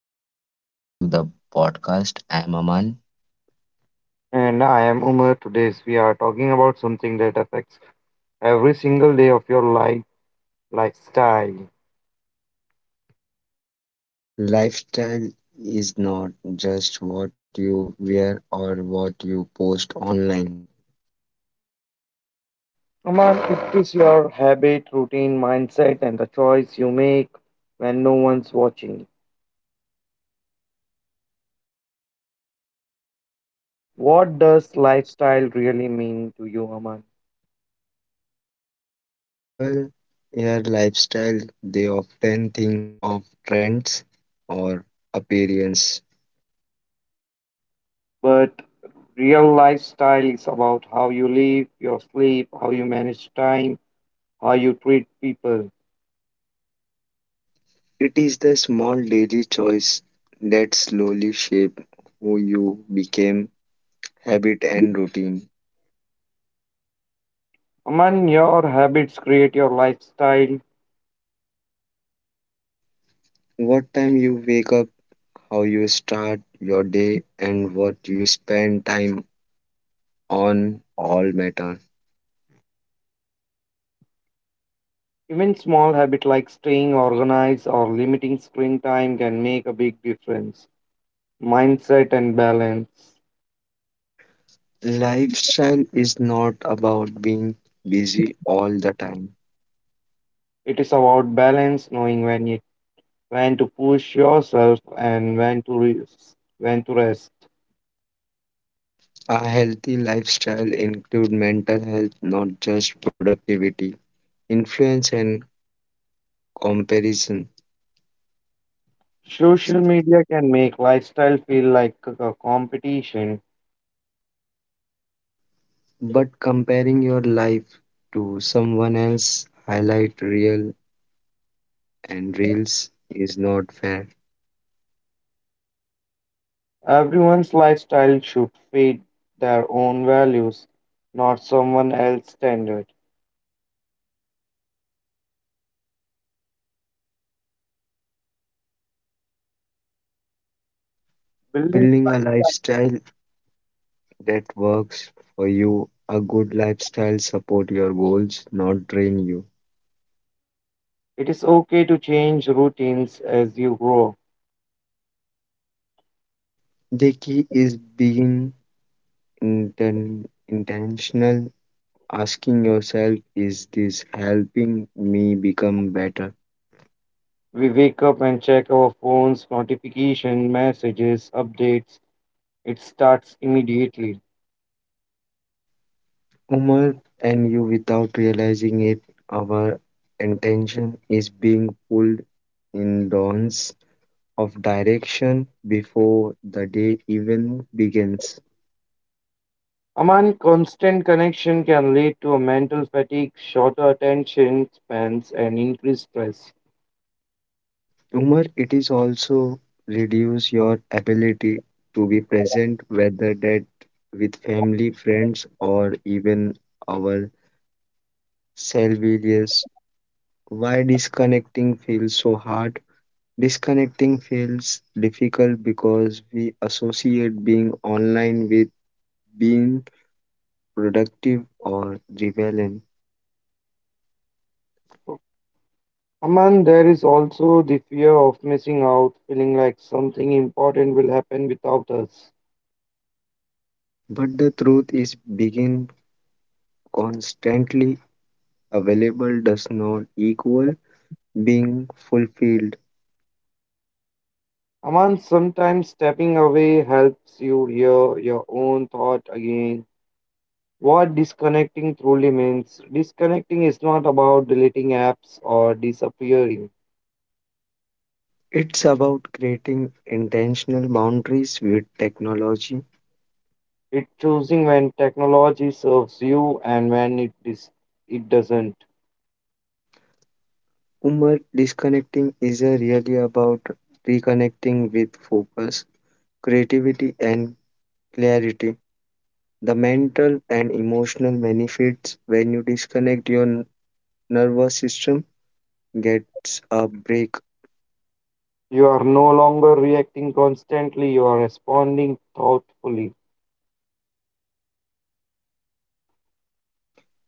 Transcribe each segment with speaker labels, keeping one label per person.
Speaker 1: everyone? Welcome back to the podcast. I'm Aman.
Speaker 2: And I am Umar. Today's we are talking about something that affects every single day of your life, lifestyle.
Speaker 1: Lifestyle is not just what you wear or what you post online.
Speaker 2: Umar, it is your habit, routine, mindset, and the choice you make when no one's watching. What does lifestyle really mean to you, Aman?
Speaker 1: When people hear lifestyle, they often think of trends or appearance.
Speaker 2: But real lifestyle is about how you live, your sleep, how you manage time, how you treat people.
Speaker 1: It is the small daily choice that slowly shape who you become, habit and routine.
Speaker 2: Aman, your habits create your lifestyle.
Speaker 1: What time you wake up, how you start your day and what you spend time on all matter.
Speaker 2: Even small habits like staying organized or limiting screen time can make a big difference. Mindset and balance.
Speaker 1: Lifestyle is not about being busy all the time.
Speaker 2: It is about balance, knowing when to push yourself and when to rest, when to rest.
Speaker 1: A healthy lifestyle includes mental health, not just productivity, influence, and comparison.
Speaker 2: Social media can make lifestyle feel like a competition.
Speaker 1: But comparing your life to someone else, highlight real and reels is not fair.
Speaker 2: Everyone's lifestyle should fit their own values, not someone else's standard. Building-
Speaker 1: Building a lifestyle that works for you. A good lifestyle support your goals, not drain you.
Speaker 2: It is okay to change routines as you grow.
Speaker 1: The key is being intentional, asking yourself, is this helping me become better?
Speaker 2: We wake up and check our phones, notification, messages, updates. It starts immediately.
Speaker 1: Umar and you, without realizing it, our intention is being pulled in dawns of direction before the day even begins.
Speaker 2: Aman, constant connection can lead to a mental fatigue, shorter attention spans, and increased stress.
Speaker 1: Humor it is also reduce your ability to be present, whether that with family, friends, or even our self-reliance. Why disconnecting feels so hard? Disconnecting feels difficult because we associate being online with being productive or rebellion.
Speaker 2: Aman, there is also the fear of missing out, feeling like something important will happen without us.
Speaker 1: But the truth is, being constantly available does not equal being fulfilled.
Speaker 2: Aman, sometimes stepping away helps you hear your own thought again. What disconnecting truly means. Disconnecting is not about deleting apps or disappearing.
Speaker 1: It's about creating intentional boundaries with technology.
Speaker 2: It's choosing when technology serves you and when it doesn't.
Speaker 1: Umar, disconnecting is a really about reconnecting with focus, creativity, and clarity. The mental and emotional benefits when you disconnect your nervous system gets a break.
Speaker 2: You are no longer reacting constantly, you are responding thoughtfully.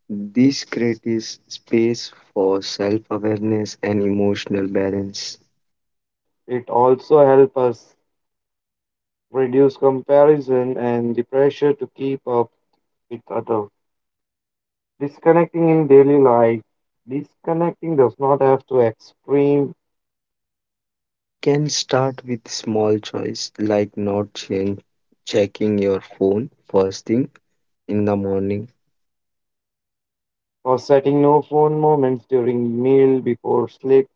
Speaker 1: This creates space for self awareness and emotional balance.
Speaker 2: It also helps us reduce comparison and the pressure to keep up with others. Disconnecting in daily life. Disconnecting does not have to extreme
Speaker 1: It can start with small choice like not checking your phone first thing in the morning.
Speaker 2: or setting no phone moments during meal before sleep.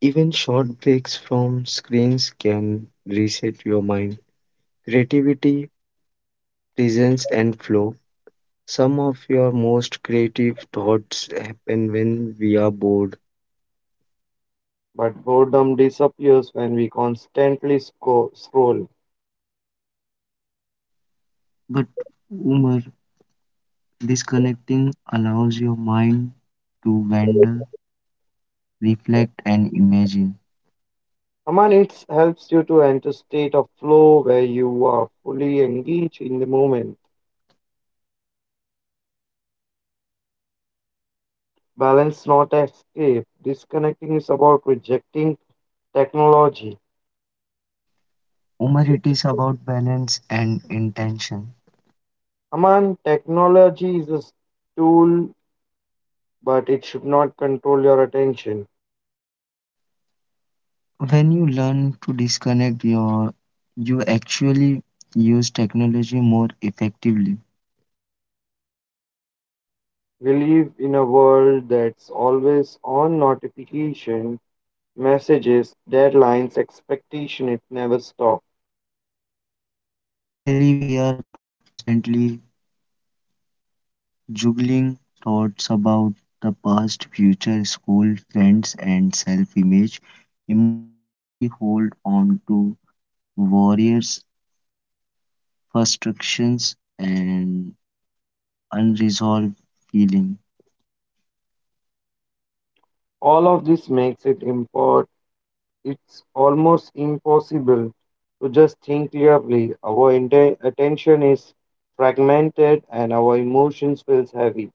Speaker 1: Even short breaks from screens can reset your mind. Creativity, presence, and flow. Some of your most creative thoughts happen when we are bored.
Speaker 2: But boredom disappears when we constantly scroll.
Speaker 1: But humor, disconnecting allows your mind to wander, reflect, and imagine.
Speaker 2: Aman, it helps you to enter state of flow where you are fully engaged in the moment. Balance, not escape. Disconnecting is about rejecting technology.
Speaker 1: Humor, it is about balance and intention.
Speaker 2: Aman, technology is a tool, but it should not control your attention.
Speaker 1: When you learn to disconnect your you actually use technology more effectively.
Speaker 2: We live in a world that's always on notification messages, deadlines, expectation, it never stops.
Speaker 1: Mentally we are constantly juggling thoughts about the past, future, school, friends and self-image. Emotionally we hold on to warriors, frustrations and unresolved feeling.
Speaker 2: All of this makes it import it's almost impossible to just think clearly. Our attention is fragmented and our emotions feels heavy.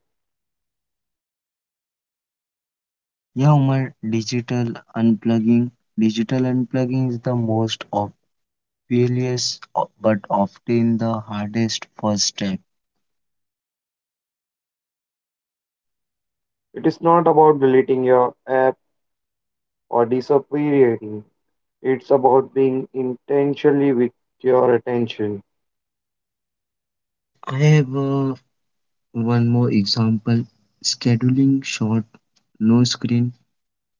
Speaker 1: Yeah, Umar, digital unplugging. Digital unplugging is the most fearless, but often the hardest first step.
Speaker 2: It is not about deleting your app or disappearing. It's about being intentionally with your attention.
Speaker 1: I have one more example scheduling short, no screen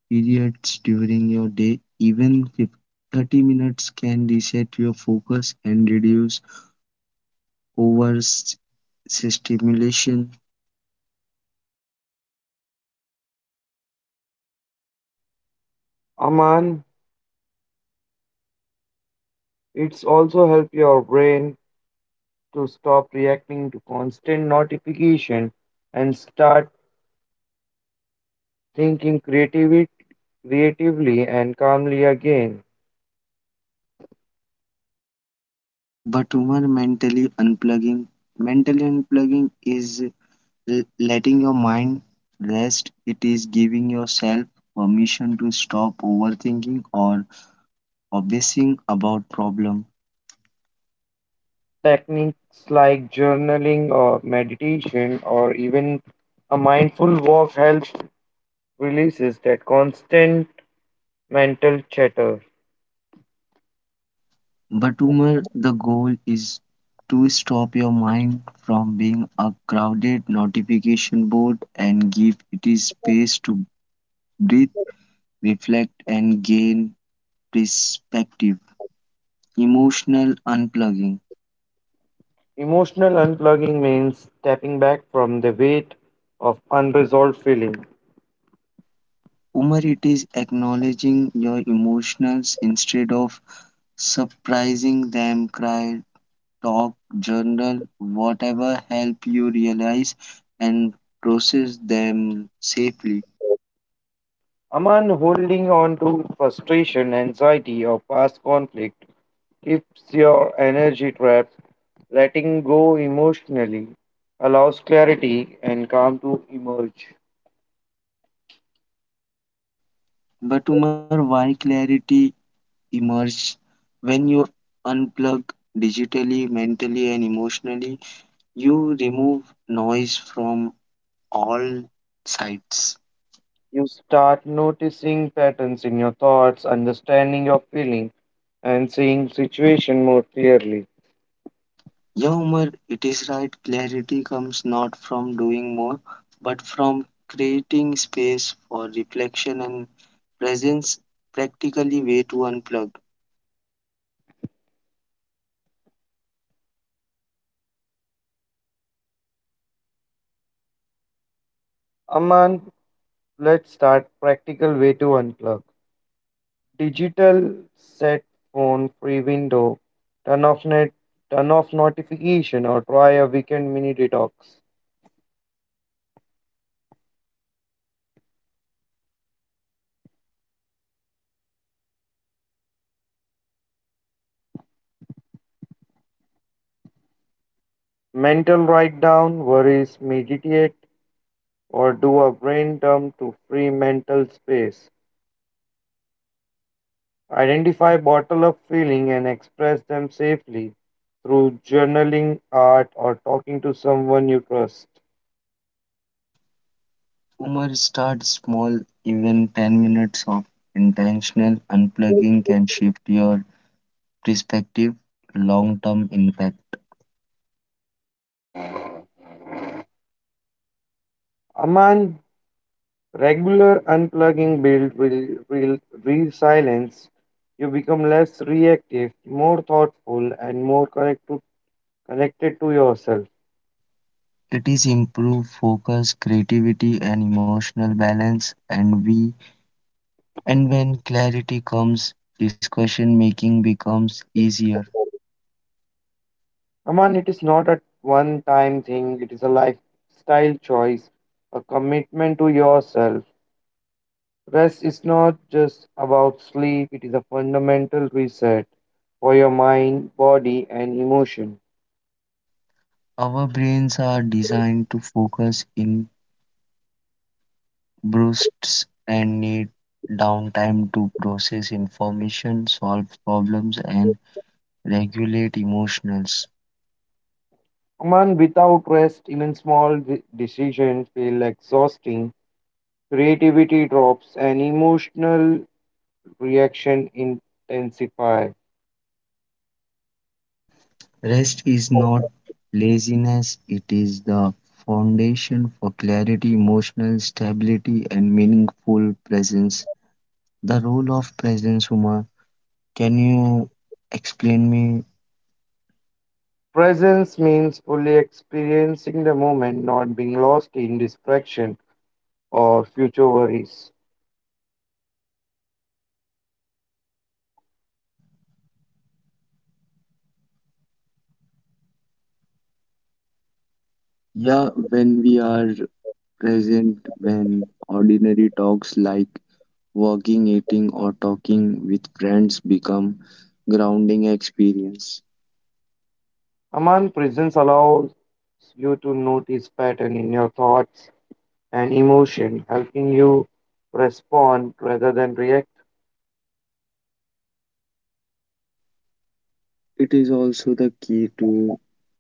Speaker 1: periods during your day, even 30 minutes can reset your focus and reduce over stimulation.
Speaker 2: Aman, it's also help your brain to stop reacting to constant notification and start thinking creatively and calmly again.
Speaker 1: But over mentally unplugging is letting your mind rest, it is giving yourself permission to stop overthinking or obsessing about problem,
Speaker 2: Techniques like journaling or meditation or even a mindful walk helps releases that constant mental chatter.
Speaker 1: but humor the goal is to stop your mind from being a crowded notification board and give it space to breathe, reflect and gain perspective. Emotional unplugging.
Speaker 2: Emotional unplugging means stepping back from the weight of unresolved feeling.
Speaker 1: Humor it is acknowledging your emotions instead of surprising them, cry, talk, journal, whatever help you realize and process them safely.
Speaker 2: Aman holding on to frustration, anxiety, or past conflict keeps your energy trapped. Letting go emotionally allows clarity and calm to emerge.
Speaker 1: But Umar, why clarity emerges when you unplug digitally, mentally, and emotionally? You remove noise from all sides.
Speaker 2: You start noticing patterns in your thoughts, understanding your feeling, and seeing situation more clearly.
Speaker 1: Yeah, Umar, it is right. Clarity comes not from doing more, but from creating space for reflection and presence. Practically, way to unplug.
Speaker 2: Aman, let's start practical way to unplug. Digital set phone free window. Turn off net, turn off notification or try a weekend mini detox. Mental write down worries, meditate or do a brain dump to free mental space. Identify, bottle up feeling, and express them safely through journaling, art, or talking to someone you trust.
Speaker 1: Umar, start small. Even 10 minutes of intentional unplugging can shift your perspective, long term impact.
Speaker 2: Aman, regular unplugging build real, real silence. You become less reactive, more thoughtful, and more connected to yourself.
Speaker 1: It is improved focus, creativity, and emotional balance. And we, and when clarity comes, discussion making becomes easier.
Speaker 2: Aman, it is not a one time thing, it is a lifestyle choice, a commitment to yourself. Rest is not just about sleep, it is a fundamental reset for your mind, body, and emotion.
Speaker 1: Our brains are designed to focus in bursts and need downtime to process information, solve problems, and regulate emotions.
Speaker 2: Aman, without rest, even small decisions feel exhausting, creativity drops, and emotional reaction intensify.
Speaker 1: Rest is not laziness, it is the foundation for clarity, emotional stability, and meaningful presence. The role of presence, Uma, can you explain me?
Speaker 2: Presence means fully experiencing the moment, not being lost in distraction or future worries.
Speaker 1: Yeah, when we are present, when ordinary talks like walking, eating, or talking with friends become grounding experience.
Speaker 2: Aman, presence allows you to notice pattern in your thoughts and emotion, helping you respond rather than react.
Speaker 1: It is also the key to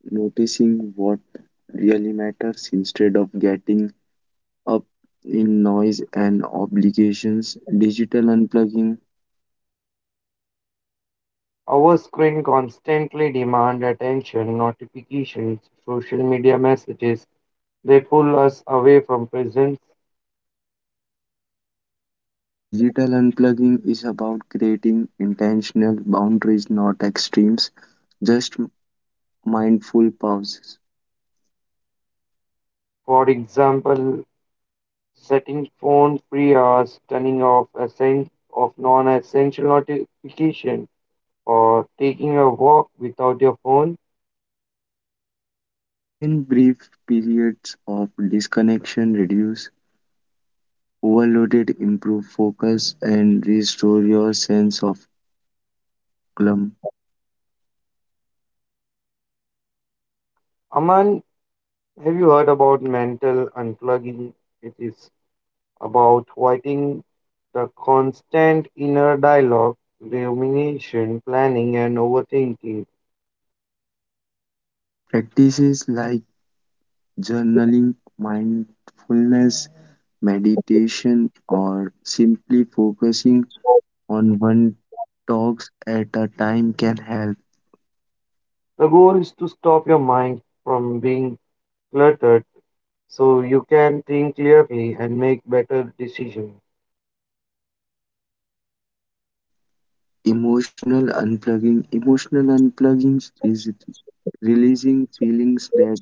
Speaker 1: noticing what really matters instead of getting up in noise and obligations. Digital unplugging.
Speaker 2: Our screen constantly demand attention, notifications, social media messages. They pull us away from presence.
Speaker 1: Digital unplugging is about creating intentional boundaries, not extremes, just mindful pauses.
Speaker 2: For example, setting phone free hours, turning off essen- of non-essential notification, or taking a walk without your phone.
Speaker 1: Even brief periods of disconnection reduce overloaded, improve focus, and restore your sense of calm.
Speaker 2: Aman, have you heard about mental unplugging? It is about fighting the constant inner dialogue, rumination, planning, and overthinking.
Speaker 1: Practices like journaling, mindfulness, meditation, or simply focusing on one talks at a time can help.
Speaker 2: The goal is to stop your mind from being cluttered so you can think clearly and make better decisions.
Speaker 1: Emotional unplugging. Emotional unplugging is releasing feelings that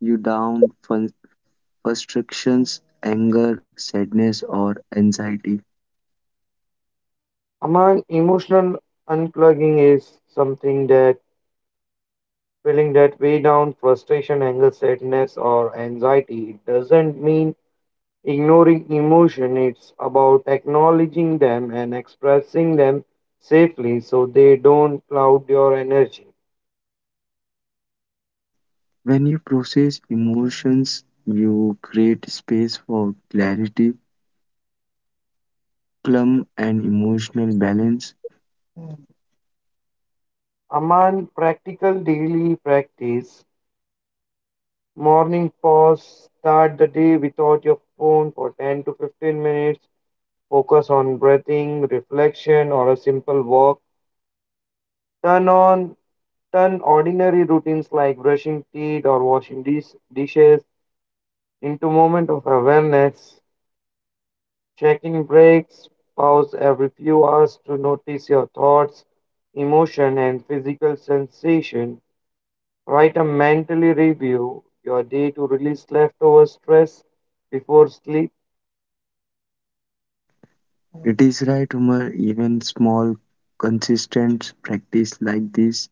Speaker 1: you down, frustrations, anger, sadness, or anxiety.
Speaker 2: Among emotional unplugging is something that feeling that way down, frustration, anger, sadness, or anxiety. It doesn't mean ignoring emotion, it's about acknowledging them and expressing them safely so they don't cloud your energy.
Speaker 1: When you process emotions, you create space for clarity, calm, and emotional balance.
Speaker 2: Aman, practical daily practice. Morning pause, start the day without your phone for 10 to 15 minutes. Focus on breathing, reflection, or a simple walk. Turn on Turn ordinary routines like brushing teeth or washing dishes into moment of awareness. Checking breaks, pause every few hours to notice your thoughts, emotion, and physical sensation. Write a mentally review your day to release leftover stress before sleep.
Speaker 1: It is right, Umar, even small, consistent practice like this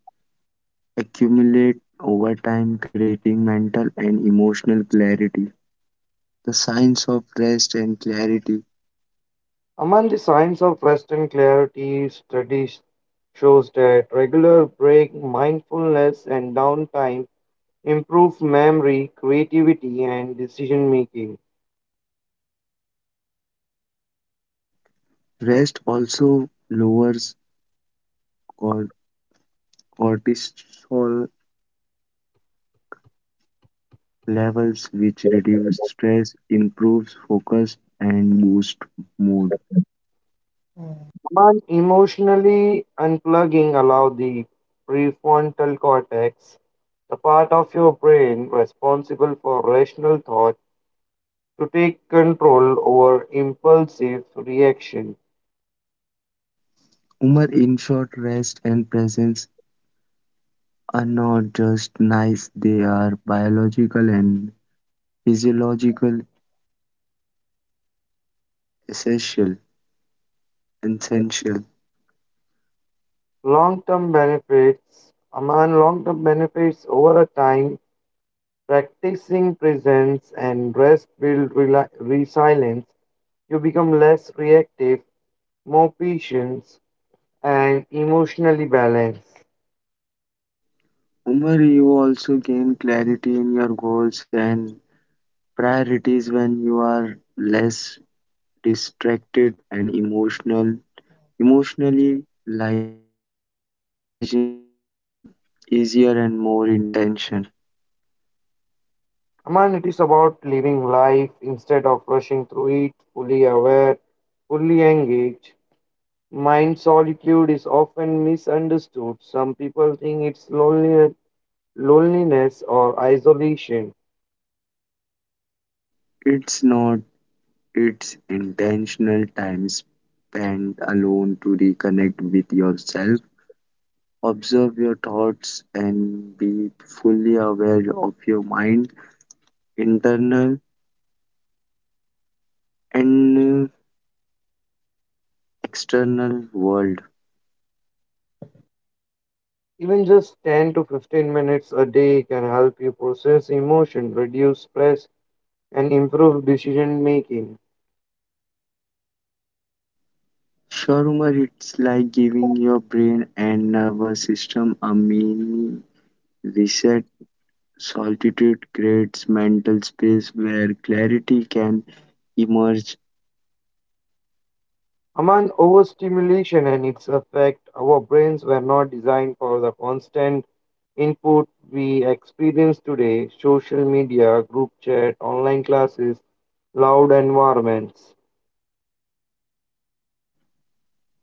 Speaker 1: accumulate over time, creating mental and emotional clarity. The science of rest and clarity.
Speaker 2: Among the signs of rest and clarity, studies shows that regular break, mindfulness, and downtime improve memory, creativity, and decision making.
Speaker 1: Rest also lowers cor- cortisol levels, which reduce stress, improves focus, and boosts mood.
Speaker 2: But emotionally unplugging allows the prefrontal cortex, the part of your brain responsible for rational thought, to take control over impulsive reaction.
Speaker 1: Umar, in short, rest and presence are not just nice, they are biological and physiological essential. Essential.
Speaker 2: Long-term benefits, a man long-term benefits over a time, practicing presence and rest build resilience. You become less reactive, more patient, and emotionally balanced.
Speaker 1: Umar, you also gain clarity in your goals and priorities when you are less distracted and emotional. Emotionally lighter decision become easier and more intention.
Speaker 2: Aman, it is about living life instead of rushing through it, fully aware, fully engaged. Mind solitude is often misunderstood. Some people think it's loneliness or isolation.
Speaker 1: It's not, it's intentional time spent alone to reconnect with yourself. Observe your thoughts and be fully aware of your mind internal and external world.
Speaker 2: Even just 10 to 15 minutes a day can help you process emotion, reduce stress, and improve decision making.
Speaker 1: Sure, Umar, it's like giving your brain and nervous system a mini reset. Solitude creates mental space where clarity can emerge.
Speaker 2: Among overstimulation and its effect, our brains were not designed for the constant input we experience today social media, group chat, online classes, loud environments.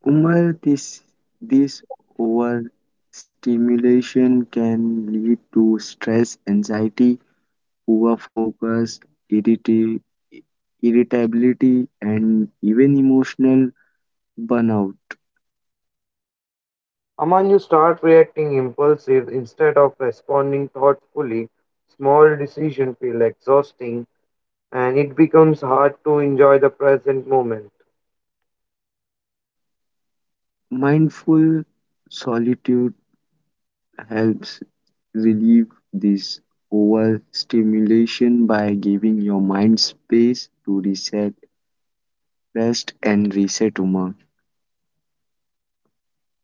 Speaker 1: Umar, this overstimulation can lead to stress, anxiety, poor focus, irrita- irritability, and even emotional burnout.
Speaker 2: Aman, you start reacting impulsive instead of responding thoughtfully. Small decisions feel exhausting and it becomes hard to enjoy the present moment.
Speaker 1: Mindful solitude helps relieve this overstimulation by giving your mind space to reset, rest, and reset humor.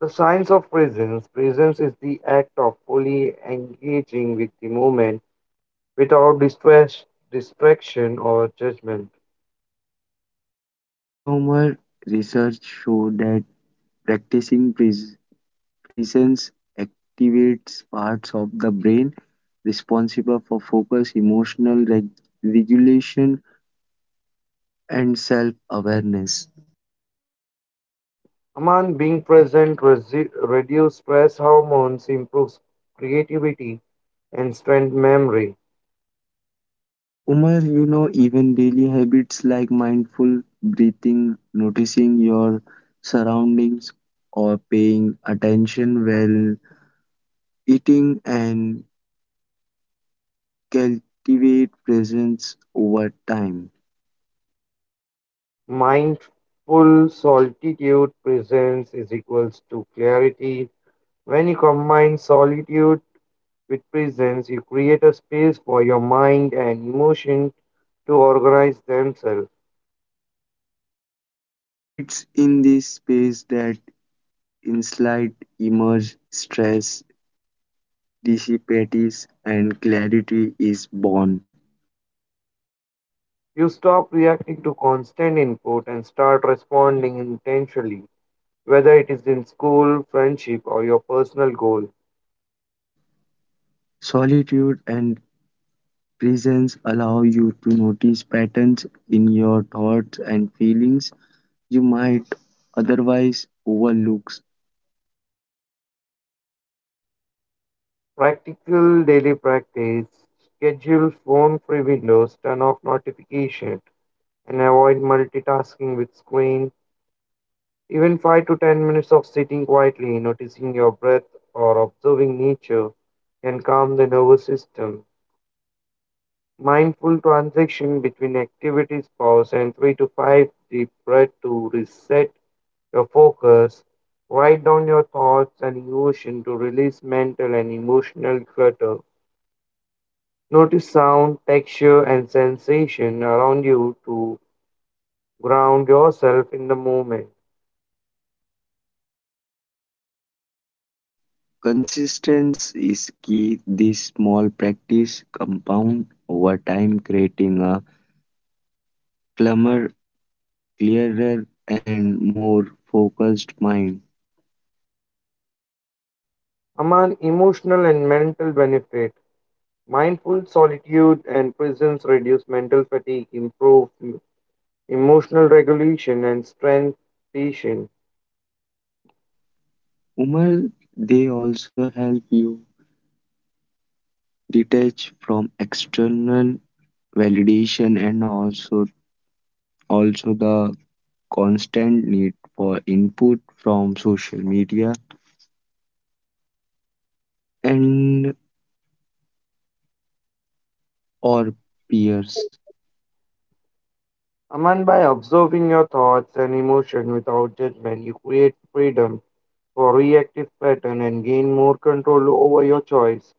Speaker 2: The science of presence presence is the act of fully engaging with the moment without distraction or judgment.
Speaker 1: Your humor research show that practicing presence activates parts of the brain responsible for focus, emotional regulation, and self awareness.
Speaker 2: Aman, being present reduce stress hormones, improves creativity and strengthen memory.
Speaker 1: Umar, you know, even daily habits like mindful breathing, noticing your surroundings, or paying attention while eating and cultivate presence over time.
Speaker 2: Mindful solitude presence is equals to clarity. When you combine solitude with presence, you create a space for your mind and emotion to organize themselves.
Speaker 1: It's in this space that insight emerge, stress dissipates, and clarity is born.
Speaker 2: You stop reacting to constant input and start responding intentionally. Whether it is in school, friendship, or your personal goal,
Speaker 1: Solitude and presence allow you to notice patterns in your thoughts and feelings you might otherwise overlook.
Speaker 2: practical daily practice, schedule phone free windows, turn off notification, and avoid multitasking with screen. Even 5 to 10 minutes of sitting quietly, noticing your breath, or observing nature can calm the nervous system. Mindful transition between activities, pause, and 3 to 5 deep breath to reset your focus. Write down your thoughts and emotion to release mental and emotional clutter. Notice sound, texture, and sensation around you to ground yourself in the moment.
Speaker 1: Consistency is key. This small practice compound over time, creating a calmer, clearer, and more focused mind.
Speaker 2: Among emotional and mental benefit, mindful solitude and presence reduce mental fatigue, improve emotional regulation, and strength patience.
Speaker 1: Umar, they also help you detach from external validation and also also the constant need for input from social media and or peers.
Speaker 2: Aman, by observing your thoughts and emotion without judgment, you create freedom for reactive pattern and gain more control over your choice.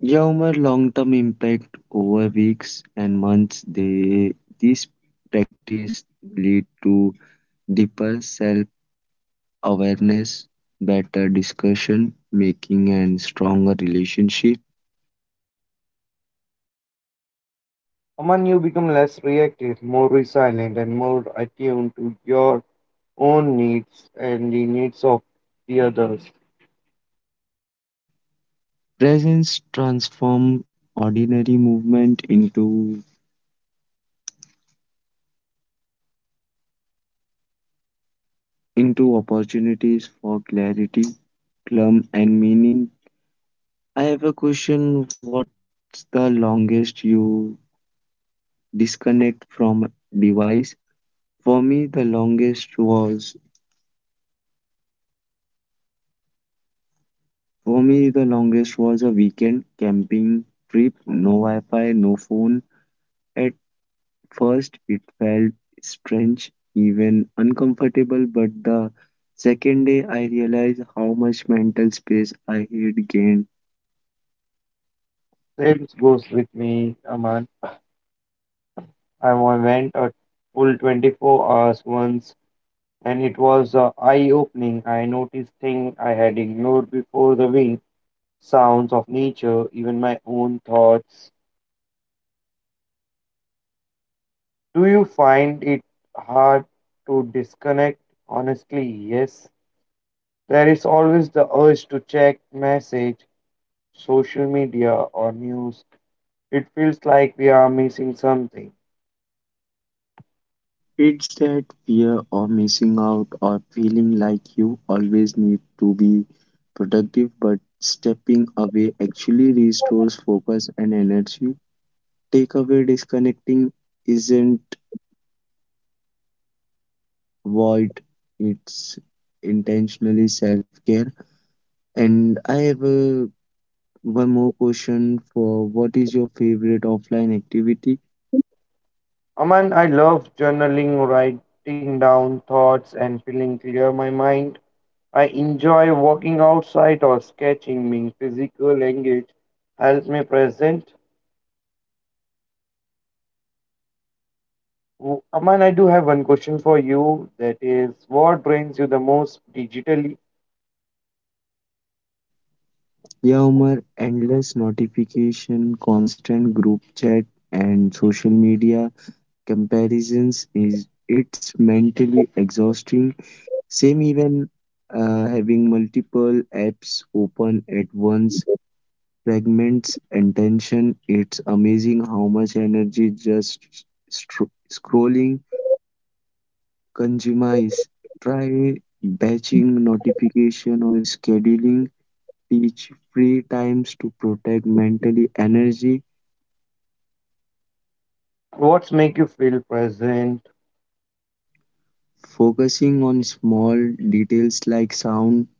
Speaker 1: Yeah, Umar, long-term impact over weeks and months. They this practice lead to deeper self-awareness, better discussion making, and stronger relationship.
Speaker 2: Aman, you become less reactive, more resilient, and more attuned to your own needs and the needs of the others.
Speaker 1: Presence transform ordinary movement into opportunities for clarity, calm, and meaning. I have a question. What's the longest you disconnect from device? For me, the longest was for me the longest was a weekend camping trip. No Wi-Fi, no phone. At first, it felt strange, even uncomfortable. But the second day, I realized how much mental space I had gained.
Speaker 2: Same goes with me, Aman. Went a full 24 hours once, and it was eye-opening. I noticed things I had ignored before the wind, sounds of nature, even my own thoughts. Do you find it hard to disconnect? Honestly, yes. There is always the urge to check message, social media, or news. It feels like we are missing something.
Speaker 1: It's that fear of missing out or feeling like you always need to be productive, but stepping away actually restores focus and energy. Takeaway disconnecting isn't void, it's intentionally self care. And I have a, one more question for what is your favorite offline activity?
Speaker 2: Aman, I love journaling, writing down thoughts, and feeling clear my mind. I enjoy walking outside or sketching, being physical, engaged, helps me present. Aman, I do have one question for you. That is, what drains you the most digitally?
Speaker 1: Yeah, Umar, endless notification, constant group chat, and social media comparisons is it's mentally exhausting. Same even having multiple apps open at once fragments attention. It's amazing how much energy just scrolling consumes. Try batching notification or scheduling teach free times to protect mentally energy.
Speaker 2: What's make you feel present?
Speaker 1: Focusing on small details like sound,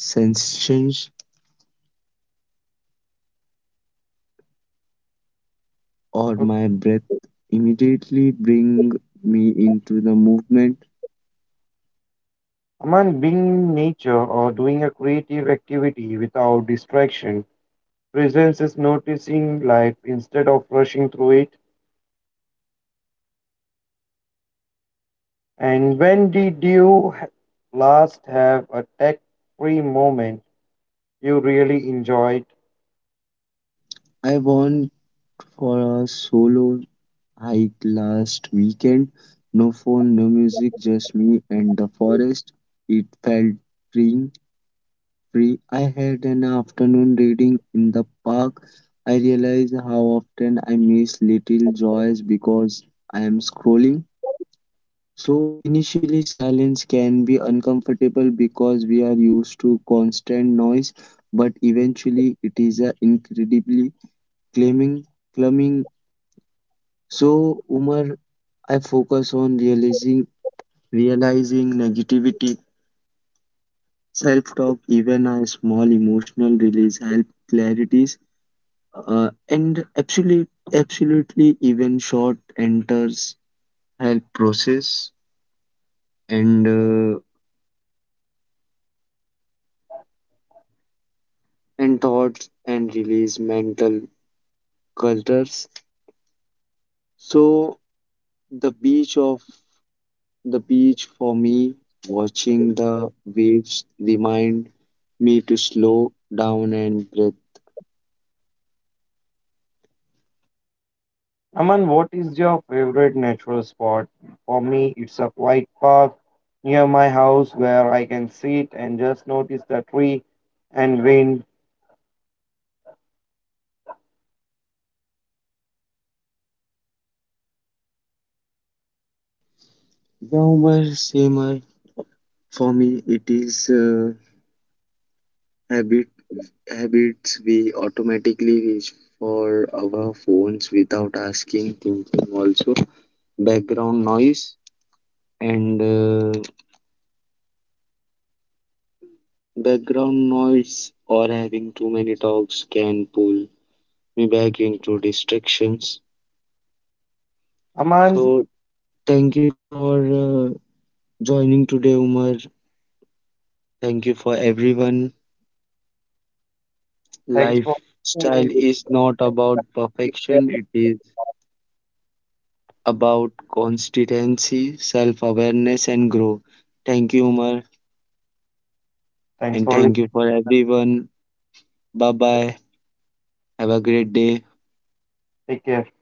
Speaker 1: sensations, or
Speaker 2: Uh,
Speaker 1: my breath immediately bring me into the movement.
Speaker 2: Aman, being in nature or doing a creative activity without distraction. Presence is noticing life instead of rushing through it. And when did you last have a tech-free moment you really enjoyed?
Speaker 1: I want for a solo hike last weekend. No phone, no music, just me and the forest. It felt free, free. I had an afternoon reading in the park. I realized how often I miss little joys because I am scrolling. So initially silence can be uncomfortable because we are used to constant noise, but eventually it is a incredibly calming. Calming. So Umar, I focus on realizing Realizing negativity, self talk, even a small emotional release help clarities. Absolutely, even short enters help process and uh, and thoughts and release mental clutters. So the beach of the beach for me, watching the waves remind me to slow down and breathe.
Speaker 2: Aman, what is your favorite natural spot? For me, it's a quiet park near my house where I can sit and just notice the tree and wind.
Speaker 1: Now, my For me, it is habit habits we automatically reach for our phones without asking, thinking. Also, background noise and uh, background noise or having too many talks can pull me back into distractions.
Speaker 2: Aman,
Speaker 1: So, thank you for uh, joining today, Umar. Thank you for everyone.
Speaker 2: thanks for
Speaker 1: Lifestyle
Speaker 2: listening.
Speaker 1: is not about
Speaker 2: Take care.
Speaker 1: perfection; it is about consistency, self awareness, and growth. Thank you, Umar,
Speaker 2: Thanks
Speaker 1: and
Speaker 2: for listening.
Speaker 1: thank you for everyone. Bye bye. Have a great day.
Speaker 2: Take care.